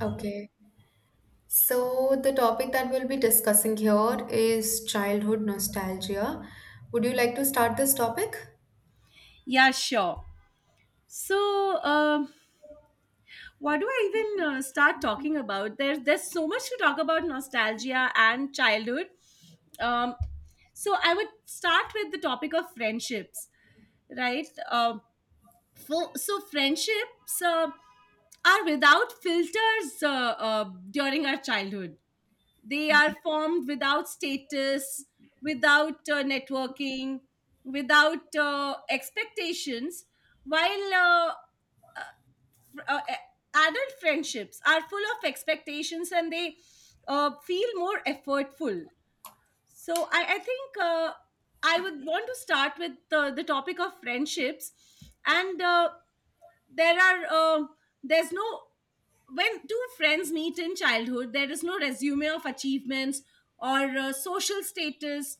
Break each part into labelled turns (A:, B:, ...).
A: Okay. So the topic that we'll be discussing here is childhood nostalgia. Would you like to start this topic?
B: Yeah, sure. So, what do I even start talking about? There's so much to talk about nostalgia and childhood. Um, so I would start with the topic of friendships, right? So friendships are without filters during our childhood. They are formed without status, without networking, without expectations, while uh, adult friendships are full of expectations, and they feel more effortful. So I think, I would want to start with the topic of friendships. And there are um there's no... when two friends meet in childhood, there is no resume of achievements or social status,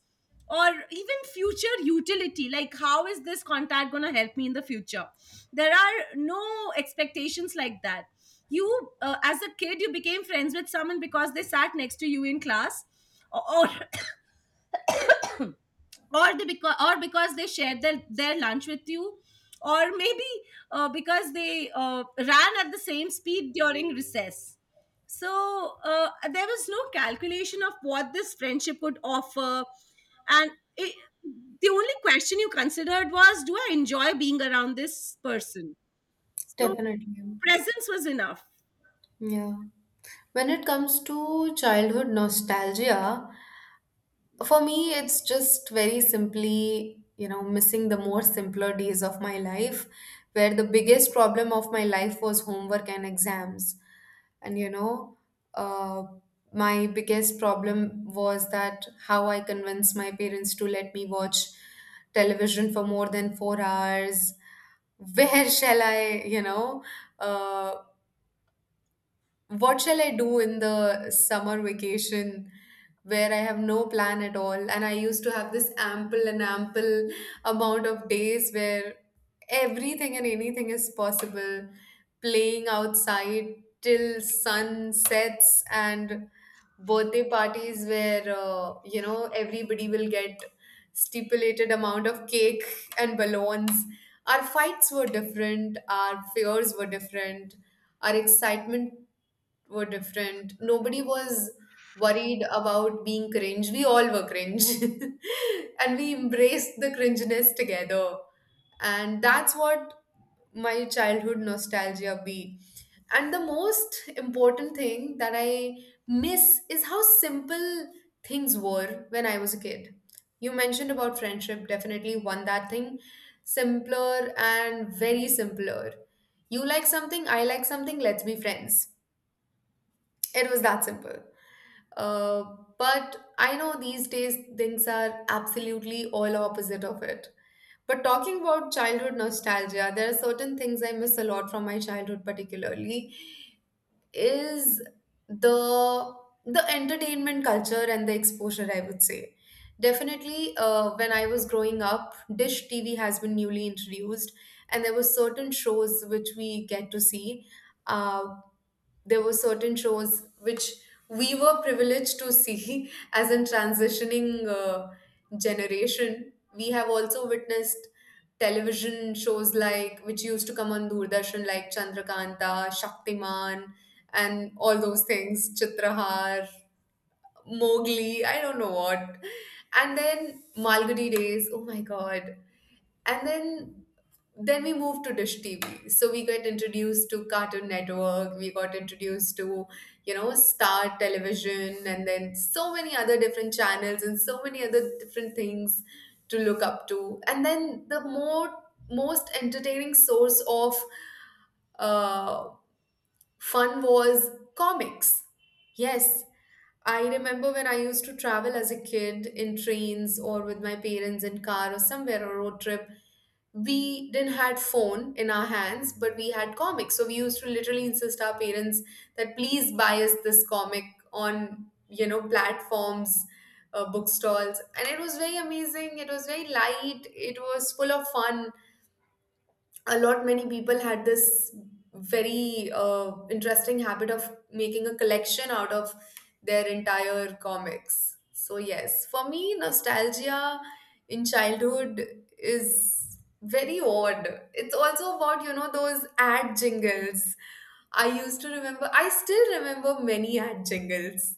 B: or even future utility, like how is this contact going to help me in the future. There are no expectations like that. You As a kid, you became friends with someone because they sat next to you in class, or, or or because they shared their lunch with you. Or maybe because they ran at the same speed during recess. So there was no calculation of what this friendship would offer. And the only question you considered was, do I enjoy being around this person? So
A: Definitely.
B: presence was enough.
A: Yeah. When it comes to childhood nostalgia, for me, it's just very simply, you know, missing the more simpler days of my life, where the biggest problem of my life was homework and exams. And, you know, uh, my biggest problem was that how I convinced my parents to let me watch television for more than 4 hours. Where shall I, you know, uh, what shall I do in the summer vacation where I have no plan at all? And I used to have this ample and ample amount of days where everything and anything is possible, playing outside till sun sets, and birthday parties where you know, everybody will get stipulated amount of cake and balloons. Our fights were different, our fears were different, our excitement were different. Nobody was worried about being cringe. We all were cringe. And we embraced the cringiness together. And that's what my childhood nostalgia be. And the most important thing that I miss is how simple things were when I was a kid. You mentioned about friendship, definitely one that thing simpler and very simpler. You like something, I like something, let's be friends. It was that simple. Uh, but I know these days things are absolutely all opposite of it. But talking about childhood nostalgia, there are certain things I miss a lot from my childhood, particularly is the the entertainment culture and the exposure, I would say. Definitely when I was growing up, dish TV has been newly introduced, and there were certain shows which we get to see. uh, there were certain shows which we were privileged to see as a transitioning generation. We have also witnessed television shows like which used to come on Doordarshan, like Chandrakanta, Shaktiman, and all those things, Chitrahar, Mowgli, I don't know what. And then Malgudi Days, oh my god, and then we moved to dish TV, so we got introduced to cartoon network, we got introduced to, you know, star television, and then so many other different channels and so many other different things to look up to. And then the more most entertaining source of uh, fun was comics. Yes, I remember when I used to travel as a kid in trains or with my parents in car or somewhere or road trip. We didn't had phone in our hands, but we had comics. So we used to literally insist our parents that please buy us this comic on, you know, platforms, bookstalls, and it was very amazing. It was very light. It was full of fun. A lot many people had this very interesting habit of making a collection out of their entire comics. So yes, for me, nostalgia in childhood is very odd. It's also about, you know, those ad jingles. I used to remember, I still remember many ad jingles.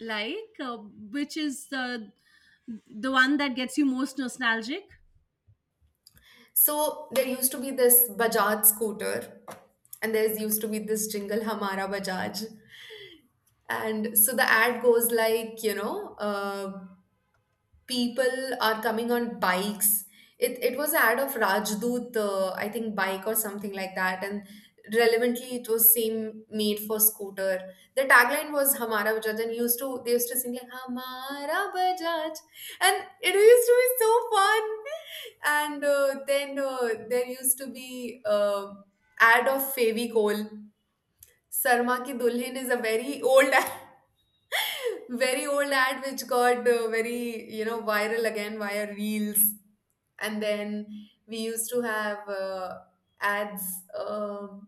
B: Like which is the one that gets you most nostalgic?
A: So there used to be this Bajaj scooter, and there used to be this jingle, Hamara Bajaj. And so the ad goes like, you know, people are coming on bikes. It was an ad of Rajdoot, I think bike or something like that. And relevantly, it was same made for scooter. The tagline was Hamara Bajaj, and used to, they used to sing like Hamara Bajaj. And it used to be so fun. And then there used to be ad of Fevicol. Sarma Ki Dulhin is a very old ad. Very old ad which got very, you know, viral again via reels. And then we used to have ads, um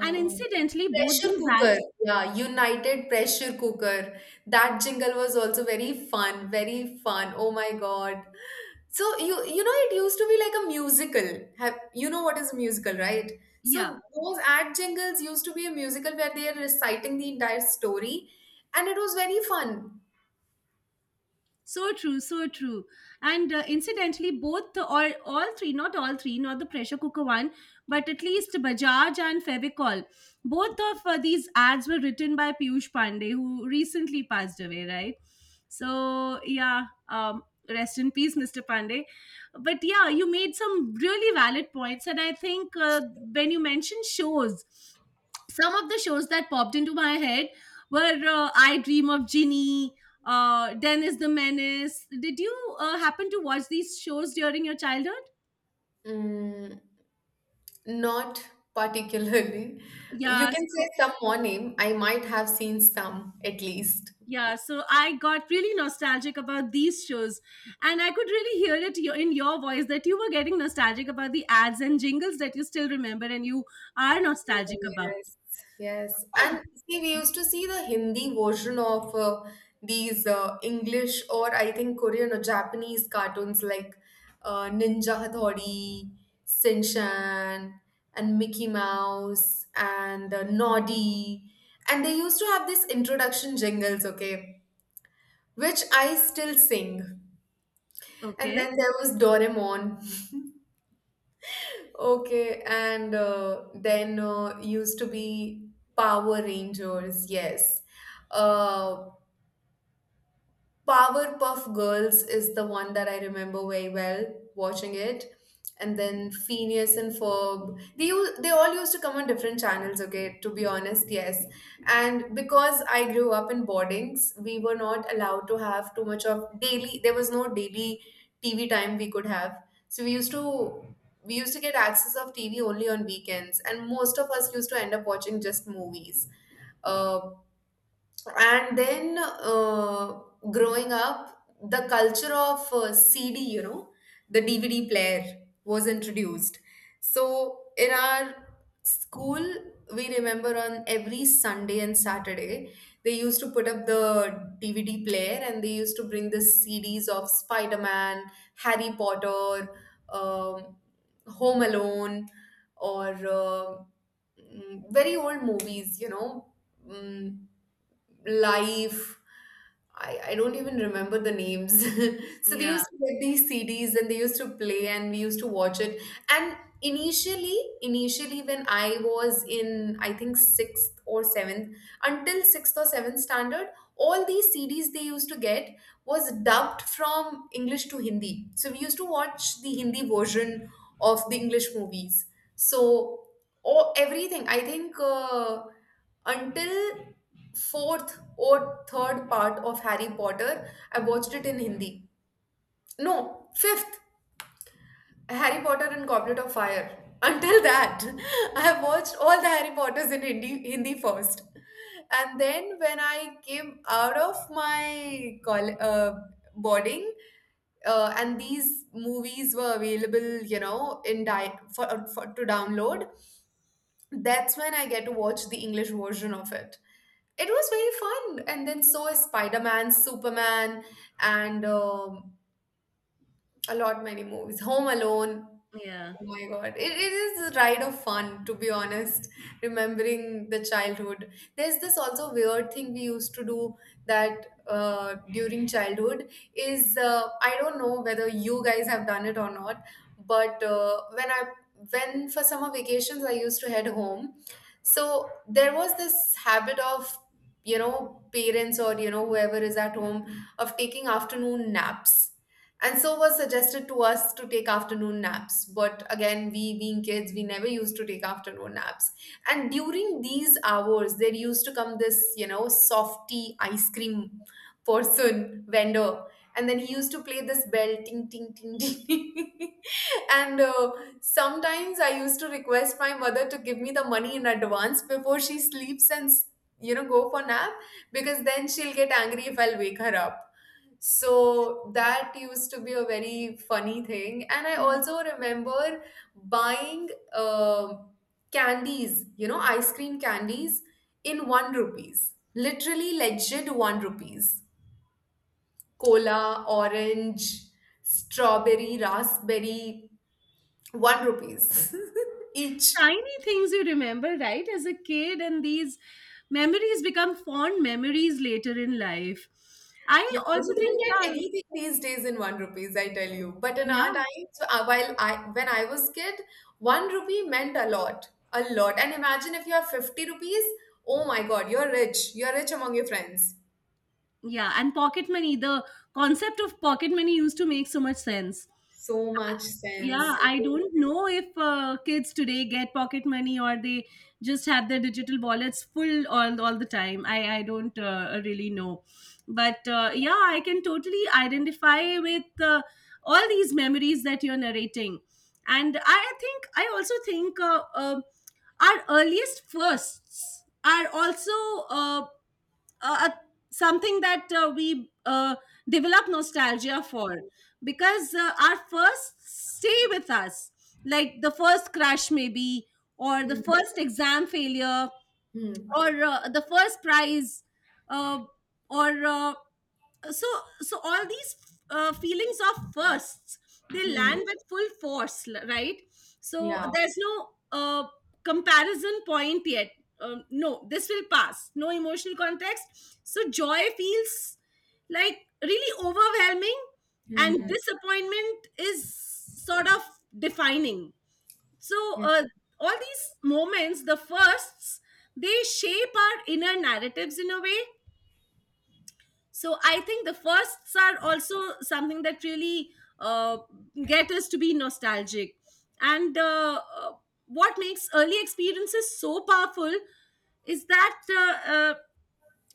B: And incidentally, both
A: pressure
B: these
A: cooker,
B: ads.
A: yeah, united pressure cooker. That jingle was also very fun, very fun, oh my god. So you know, it used to be like a musical. Have, you know what is a musical, right? So
B: Yeah.
A: those ad jingles used to be a musical where they are reciting the entire story, and it was very fun.
B: So true, so true. And incidentally, all three, not all three, not the pressure cooker one, but at least Bajaj and Fevicol, both of these ads were written by Piyush Pandey, who recently passed away, right? So yeah. Rest in peace, Mr. Pandey. But yeah, you made some really valid points. And I think when you mentioned shows, some of the shows that popped into my head were I Dream of Ginny, Dennis the Menace. Did you happen to watch these shows during your childhood?
A: Mm, not particularly. You
B: Yeah,
A: can say
B: so
A: some more name. I might have seen some at least.
B: yeah, so I got really nostalgic about these shows. And I could really hear it in your voice that you were getting nostalgic about the ads and jingles that you still remember and you are nostalgic about.
A: Yes, yes. And see, we used to see the Hindi version of these English or I think Korean or Japanese cartoons, like Ninja Hathawari, Shinchan, and Mickey Mouse, and Noddy. And they used to have these introduction jingles, okay, which I still sing. And
B: Okay,
A: then there was Doraemon. Okay, and then used to be Power Rangers, yes. Uh, Powerpuff Girls is the one that I remember very well watching it. And then Phineas and Ferb. They all used to come on different channels, okay, to be honest, yes. And because I grew up in boardings, we were not allowed to have too much of daily, there was no daily TV time we could have. So we used to get access of TV only on weekends, and most of us used to end up watching just movies. Uh. And then growing up, the culture of CD, you know, the DVD player was introduced. So in our school, we remember on every Sunday and Saturday, they used to put up the DVD player and they used to bring the CDs of Spider Man, Harry Potter, um, Home Alone, or very old movies, you know. Mm, Life. I don't even remember the names. So they
B: yeah,
A: used to get these CDs and they used to play and we used to watch it. And initially when I was in I think sixth or seventh, until sixth or seventh standard, all these CDs they used to get was dubbed from English to Hindi. So we used to watch the Hindi version of the English movies. So, oh, everything. I think until fourth or third part of Harry Potter, I watched it in Hindi. No, fifth, Harry Potter and Goblet of Fire. Until that, I have watched all the Harry Potters in Hindi, Hindi first. And then when I came out of boarding, and these movies were available, you know, for to download, that's when I get to watch the English version of it. It was very fun, and then so is Spider Man, Superman, and a lot many movies. Home Alone.
B: yeah.
A: Oh my God. It is a ride of fun, to be honest, remembering the childhood. There's this also weird thing we used to do that during childhood is I don't know whether you guys have done it or not, but when for summer vacations I used to head home. So there was this habit of, you know, parents, or, you know, whoever is at home, of taking afternoon naps, and so was suggested to us to take afternoon naps. But again, we being kids, we never used to take afternoon naps. And during these hours, there used to come this, you know, softy ice cream person, vendor. And then he used to play this bell, ting, ting, ting, ting. And sometimes I used to request my mother to give me the money in advance before she sleeps and, you know, go for nap, because then she'll get angry if I'll wake her up. So that used to be a very funny thing. And I also remember buying um candies, you know, ice cream candies in one rupees. Literally legit one rupees. Cola, orange, strawberry, raspberry, one rupees each.
B: Tiny things you remember, right, as a kid, and these memories become fond memories later in life. I
A: Yeah,
B: also
A: you
B: think,
A: don't get
B: yeah.
A: anything these days in one rupees, I tell you. But in
B: Yeah.
A: our times, while I when I was kid, one rupee meant a lot, a lot. And imagine if you have 50 rupees, oh my God, you're rich. You're rich among your friends.
B: Yeah, and pocket money, the concept of pocket money used to make so much sense.
A: So much sense.
B: Yeah, I don't know if kids today get pocket money or they just have their digital wallets full all the time. I don't really know, but yeah, I can totally identify with all these memories that you're narrating. And I also think our earliest firsts are also uh, uh, a- something that we develop nostalgia for. Because our first stay with us, like the first crush maybe, or the
A: Hmm,
B: first exam failure,
A: hmm,
B: or the first prize, uh, or so so all these feelings of firsts, they
A: hmm.
B: land with full force, right? So
A: Yeah.
B: there's no comparison point yet. No "this will pass", no emotional context, so joy feels like really overwhelming, and
A: Hmm.
B: disappointment is sort of defining. So
A: Yeah.
B: all these moments, the firsts, they shape our inner narratives in a way. So I think the firsts are also something that really uh, get us to be nostalgic. And what makes early experiences so powerful is that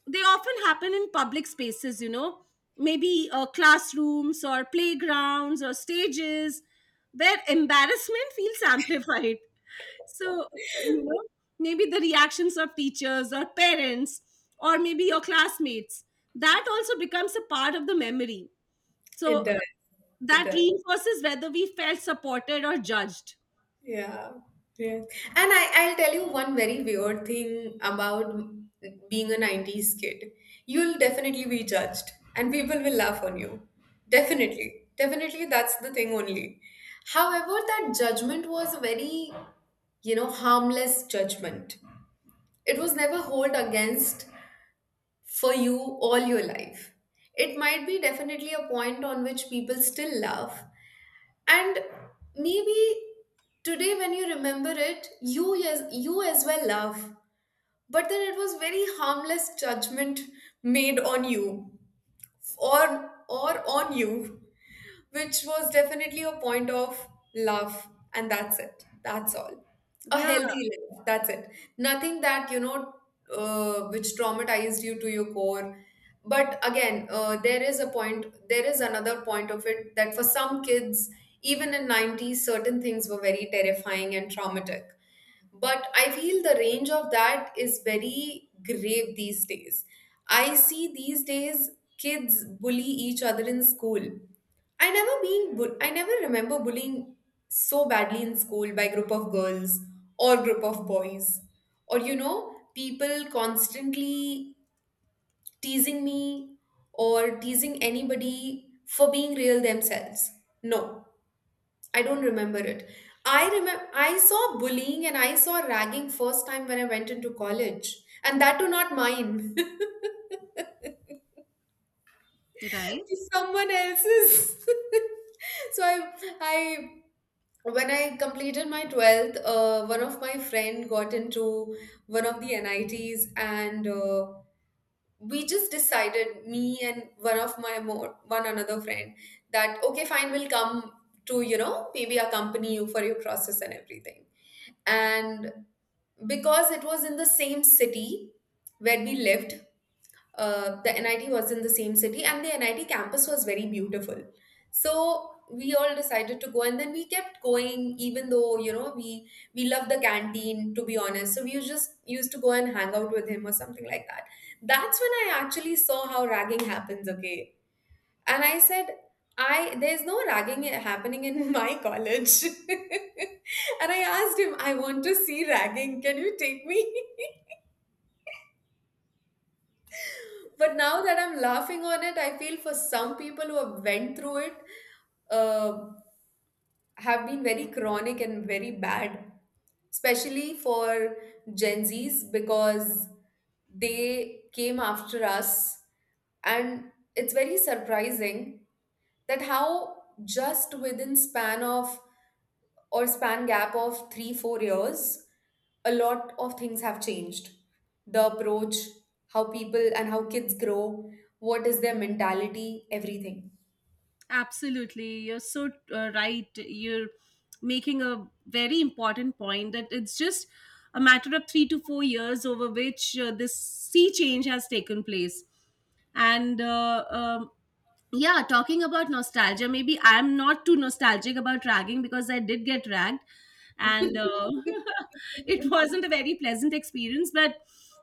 B: they often happen in public spaces, you know, maybe classrooms or playgrounds or stages, where embarrassment feels amplified. So you know, maybe the reactions of teachers or parents, or maybe your classmates, that also becomes a part of the memory. So
A: It does. It
B: that
A: does.
B: reinforces whether we felt supported or judged.
A: Yeah, yes. And I'll tell you one very weird thing about being a 90s kid. You'll definitely be judged, and people will laugh on you. Definitely. Definitely, that's the thing only. However, that judgment was a very, you know, harmless judgment. It was never hold against for you all your life. It might be definitely a point on which people still laugh, and maybe today when you remember it, you, yes, you as well laugh, but then it was very harmless judgment made on you or on you, which was definitely a point of love, and that's it. That's all. A
B: Yeah.
A: healthy life. That's it. Nothing that, you know, which traumatized you to your core. But again, there is a point, there is another point of it that for some kids, even in 90s, certain things were very terrifying and traumatic. But I feel the range of that is very grave these days. I see these days kids bully each other in school. I never remember bullying so badly in school by group of girls or group of boys, or you know, people constantly teasing me or teasing anybody for being real themselves. No, I don't remember it. I remember I saw bullying and I saw ragging first time when I went into college, and that too not mine, to
B: Right.
A: someone else's. so I When I completed my 12th, one of my friend got into one of the NITs, and we just decided, me and one of my more one another friend, that okay, fine, we'll come to, you know, maybe accompany you for your process and everything, and because it was in the same city where we lived. The NIT was in the same city, and the NIT campus was very beautiful, so we all decided to go and then we kept going even though, you know, we love the canteen, to be honest, so we just used to go and hang out with him or something like that. That's when I actually saw how ragging happens, okay. And I said, I there's no ragging happening in my college. And I asked him, I want to see ragging. Can you take me? But now that I'm laughing on it, I feel for some people who have went through it, uh, have been very chronic and very bad, especially for Gen Zs because they came after us, and it's very surprising that how just within span gap of 3 4 years a lot of things have changed, the approach, how people and how kids grow, what is their mentality, everything.
B: Absolutely. You're so right. You're making a very important point that it's just a matter of 3 to 4 years over which this sea change has taken place. And yeah, talking about nostalgia, maybe I'm not too nostalgic about ragging because I did get ragged, and it wasn't a very pleasant experience, but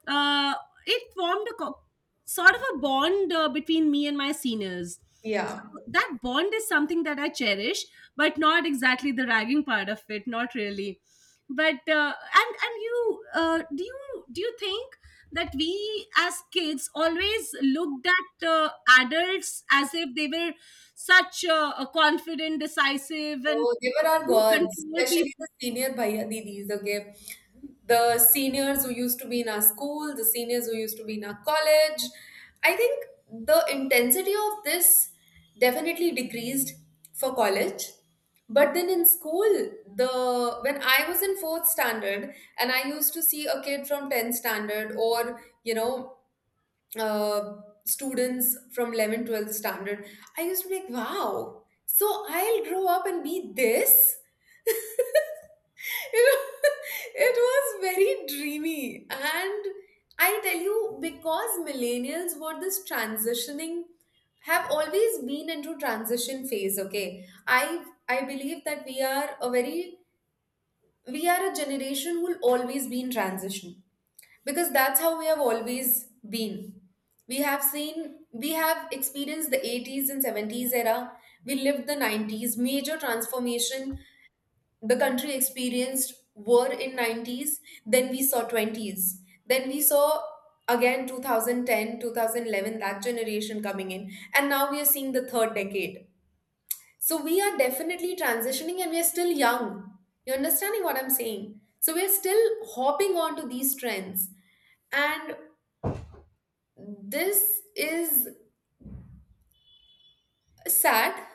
B: uh, it formed sort of a bond between me and my seniors.
A: Yeah.
B: So that bond is something that I cherish, but not exactly the ragging part of it, not really. But and you do you think that we as kids always looked at adults as if they were such a confident, decisive, and
A: Oh, they were our gods,
B: control people?
A: especially the senior bhaiya didis, okay? The seniors who used to be in our school, the seniors who used to be in our college. I think the intensity of this definitely decreased for college. But then in school, the when I was in fourth standard and I used to see a kid from 10th standard or, you know, uh, students from 11 12th standard, I used to be like, wow, so I'll grow up and be this. You know, it was very dreamy. And I tell you, because millennials were this transitioning have always been into transition phase, okay. I believe that we are a very we are a generation who'll always be in transition, because that's how we have always been. We have seen we have experienced the 80s and 70s era. We lived the 90s major transformation the country experienced were in 90s. Then we saw 20s, then we saw again 2010, 2011, that generation coming in, and now we are seeing the third decade. So we are definitely transitioning, and we are still young. You're understanding what I'm saying, so we're still hopping on to these trends. And this is sad.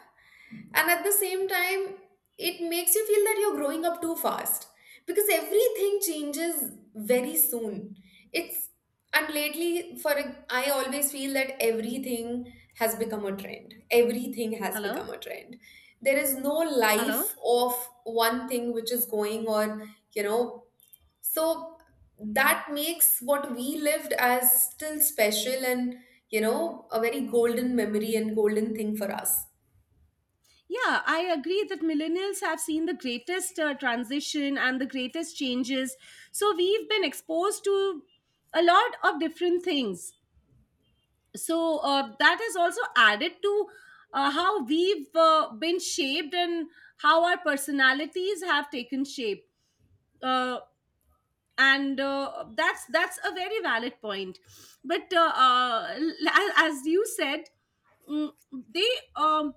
A: And at the same time, it makes you feel that you're growing up too fast because everything changes very soon. It's And lately, I always feel that everything has become a trend, everything has become
B: Hello,
A: a trend. There is no
B: hello.
A: life of one thing which is going, or you know, so that makes what we lived as still special and, you know, a very golden memory and golden thing for us.
B: Yeah, I agree that millennials have seen the greatest transition and the greatest changes. So we've been exposed to a lot of different things. So that has also added to how we've been shaped and how our personalities have taken shape. Uh, and that's a very valid point. But as you said, mm, they um,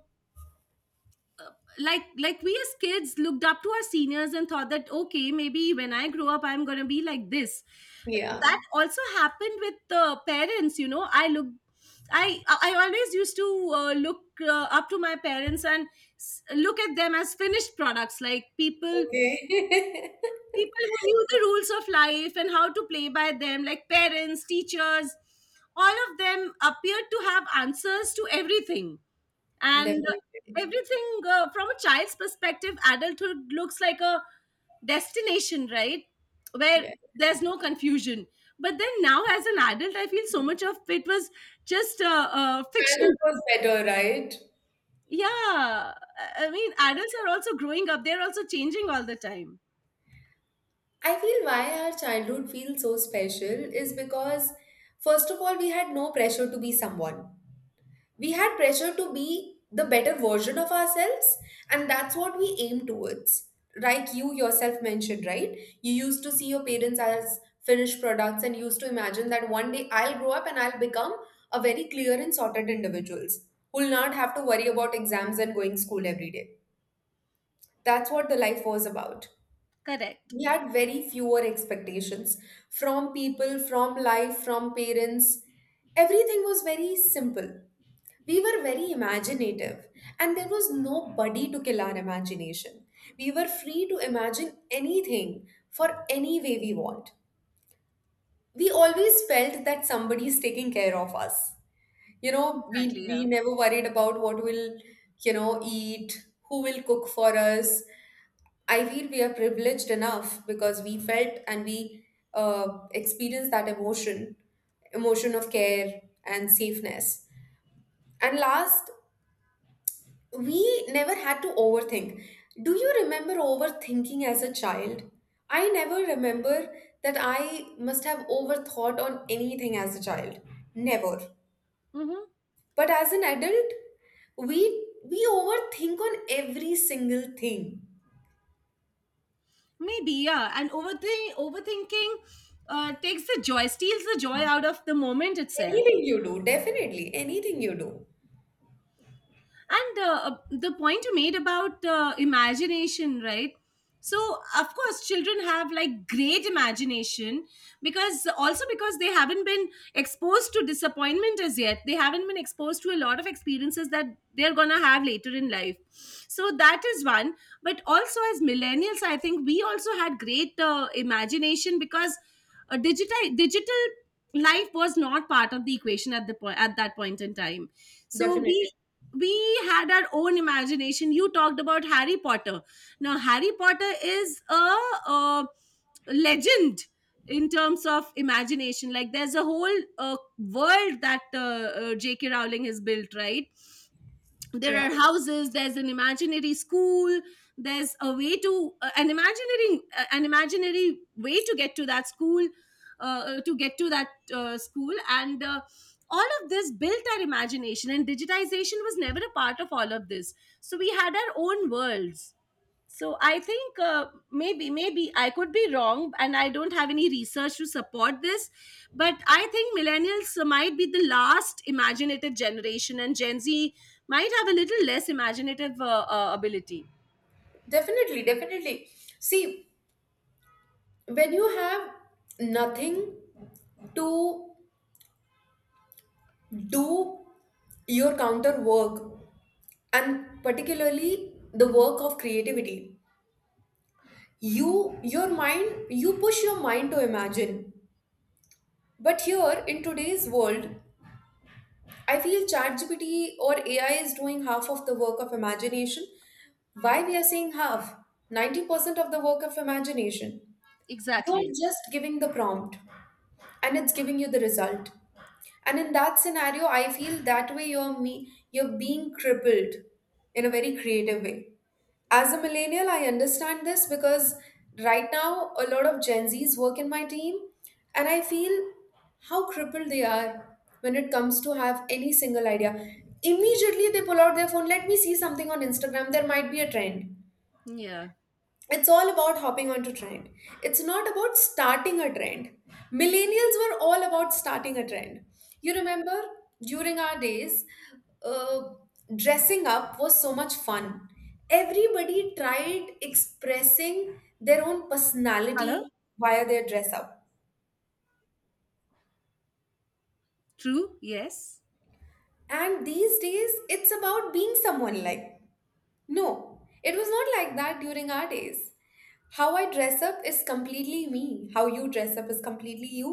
B: like we as kids looked up to our seniors and thought that, okay, maybe when I grow up, I'm going to be like this.
A: Yeah.
B: That also happened with the parents. You know, I always used to look up to my parents, and look at them as finished products, like people
A: Okay.
B: people who knew the rules of life and how to play by them, like parents, teachers, all of them appeared to have answers to everything. And
A: Definitely.
B: everything from a child's perspective, adulthood looks like a destination, right? Where
A: Yeah.
B: there's no confusion. But then now as an adult, I feel so much of it was just
A: Childhood
B: fiction.
A: was better, right?
B: Yeah, I mean adults are also growing up, they're also changing all the time.
A: I feel why our childhood feels so special is because, first of all, we had no pressure to be someone. We had pressure to be the better version of ourselves, and that's what we aim towards. Like, you yourself mentioned right, you used to see your parents as finished products and used to imagine that one day I'll grow up and I'll become a very clear and sorted individuals who'll not have to worry about exams and going school every day. That's what the life was about.
B: Correct.
A: We had very fewer expectations from people, from life, from parents. Everything was very simple. We were very imaginative, and there was nobody to kill our imagination. We were free to imagine anything for any way we want. We always felt that somebody is taking care of us. You know, we,
B: Exactly. Yeah.
A: we never worried about what we'll, eat, who will cook for us. I feel we are privileged enough because we felt and we experienced that emotion, emotion of care and safeness. And last, we never had to overthink. Do you remember overthinking as a child? I never remember that I must have overthought on anything as a child. Never.
B: Mm-hmm.
A: But as an adult, we overthink on every single thing.
B: Maybe, yeah. And overthinking takes the joy, steals the joy out of the moment itself.
A: Anything you do, definitely. Anything you do.
B: And the point you made about imagination, right? So of course children have, like, great imagination, because also because they haven't been exposed to disappointment as yet, they haven't been exposed to a lot of experiences that they're gonna have later in life. So that is one. But also, as millennials, I think we also had great imagination, because digital life was not part of the equation at that point in time. So we
A: Definitely.
B: we had our own imagination. You talked about Harry Potter. Now Harry Potter is a, uh legend in terms of imagination. Like, there's a whole world that JK Rowling has built, right? There
A: Yeah.
B: are houses, there's an imaginary school, there's a way to... an imaginary way to get to that school, uh, to get to that school, and all of this built our imagination, and digitization was never a part of all of this. So we had our own worlds. So I think maybe I could be wrong, and I don't have any research to support this, but I think millennials might be the last imaginative generation, and Gen Z might have a little less imaginative ability.
A: Definitely, definitely. See, when you have nothing to do your counter work, and particularly the work of creativity, you push your mind to imagine. But here in today's world, I feel ChatGPT or AI is doing half of the work of imagination. Why we are saying half? 90% of the work of imagination. You're
B: Exactly.
A: just giving the prompt and it's giving you the result. And in that scenario, I feel that way you're being crippled in a very creative way. As a millennial, I understand this because right now a lot of Gen Z's work in my team, and I feel how crippled they are when it comes to have any single idea. Immediately they pull out their phone, let me see something on Instagram, there might be a trend.
B: Yeah.
A: It's all about hopping onto trend, it's not about starting a trend. Millennials were all about starting a trend. You remember during our days, uh, dressing up was so much fun. Everybody tried expressing their own personality via their dress up.
B: True. Yes.
A: And these days it's about being someone, like, no, it was not like that during our days. How I dress up is completely me. How you dress up is completely you.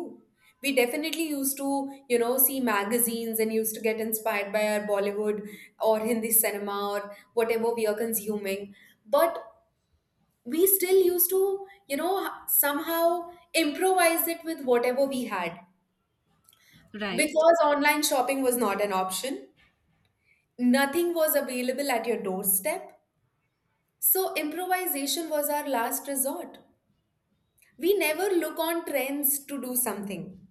A: We definitely used to, see magazines and used to get inspired by our Bollywood or Hindi cinema or whatever we are consuming. But we still used to, somehow improvise it with whatever we had.
B: Right.
A: Because online shopping was not an option, nothing was available at your doorstep. So improvisation was our last resort. We never look on trends to do something.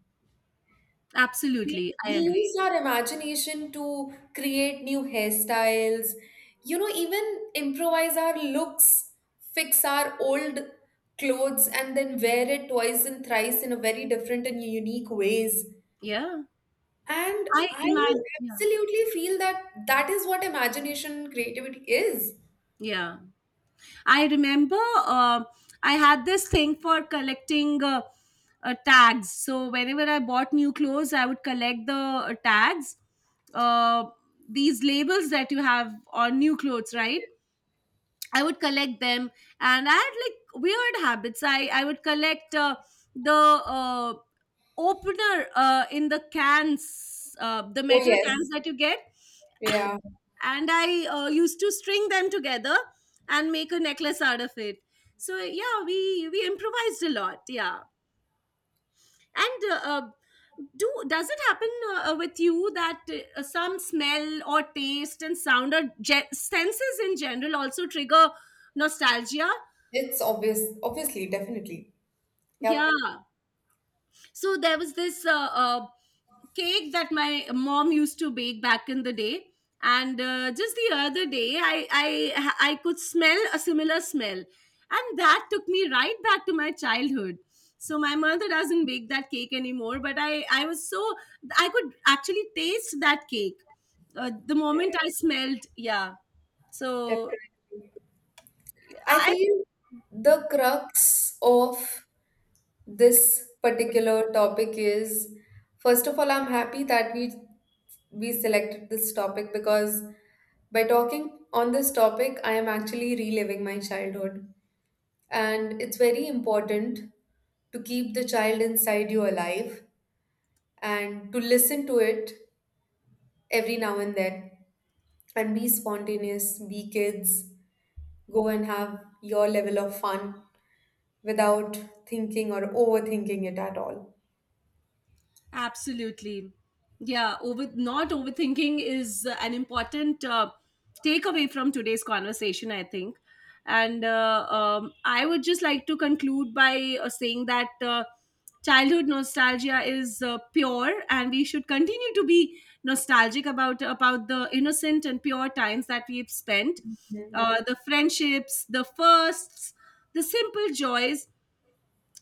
A: We-
B: Absolutely. I
A: We
B: agree.
A: use our imagination to create new hairstyles, even improvise our looks, fix our old clothes, and then wear it twice and thrice in a very different and unique ways.
B: Yeah.
A: And
B: I
A: I
B: imagine. Yeah.
A: absolutely feel that that is what imagination and creativity is.
B: Yeah. I remember uh, I had this thing for collecting tags. So whenever I bought new clothes, I would collect the tags, uh, these labels that you have on new clothes, right? I would collect them, and I had, like, weird habits. I would collect the opener in the cans, the
A: Oh,
B: metal cans
A: yes.
B: that you get,
A: Yeah.
B: and I used to string them together and make a necklace out of it. So yeah, we improvised a lot, yeah. And do does it happen with you that some smell or taste and sound or senses in general also trigger nostalgia?
A: It's obvious, obviously, definitely. Yep.
B: Yeah. So there was this cake that my mom used to bake back in the day. And just the other day, I could smell a similar smell, and that took me right back to my childhood. So my mother doesn't bake that cake anymore, but I was so... I could actually taste that cake the
A: Yeah,
B: moment I smelled. Yeah. So
A: definitely. I
B: I...
A: feel the crux of this particular topic is, first of all, I'm happy that we selected this topic because by talking on this topic, I am actually reliving my childhood. And it's very important to keep the child inside you alive and to listen to it every now and then, and be spontaneous, be kids, go and have your level of fun without thinking or overthinking it at all.
B: Absolutely. Yeah, over not overthinking is an important takeaway from today's conversation, I think. And I would just like to conclude by saying that childhood nostalgia is pure, and we should continue to be nostalgic about the innocent and pure times that we've spent,
A: Mhm.
B: the friendships, the firsts, the simple joys,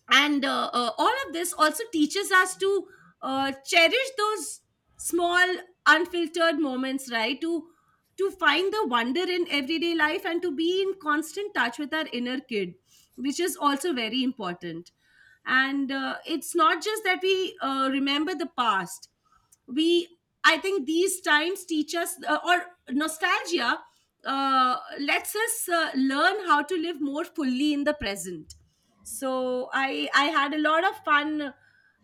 B: and all of this also teaches us to cherish those small unfiltered moments, right? To find the wonder in everyday life and to be in constant touch with our inner kid, which is also very important. And it's not just that we remember the past. We I think these times teach us... or nostalgia lets us learn how to live more fully in the present. So I had a lot of fun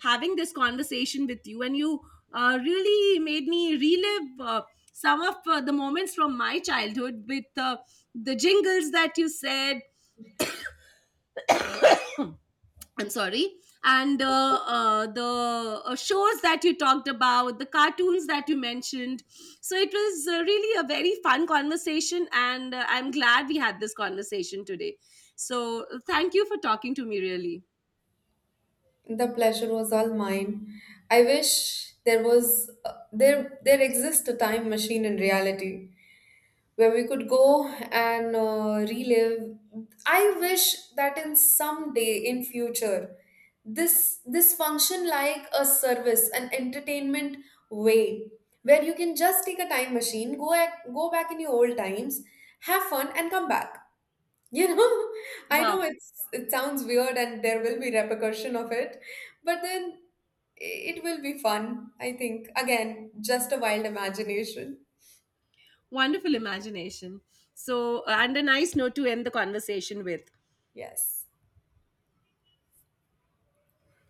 B: having this conversation with you. And you really made me relive some of the moments from my childhood with the jingles that you said. I'm sorry. And the shows that you talked about, the cartoons that you mentioned. So it was really a very fun conversation, and I'm glad we had this conversation today. So thank you for talking to me, really.
A: The pleasure was all mine. I wish there was there there exists a time machine in reality where we could go and relive. I wish that in some day in future this function like a service, an entertainment way where you can just take a time machine, go back in your old times, have fun, and come back. You know, I
B: Wow.
A: know it sounds weird and there will be repercussion of it, but then it will be fun, I think. Again, just a wild imagination.
B: Wonderful imagination. So, and a nice note to end the conversation with.
A: Yes.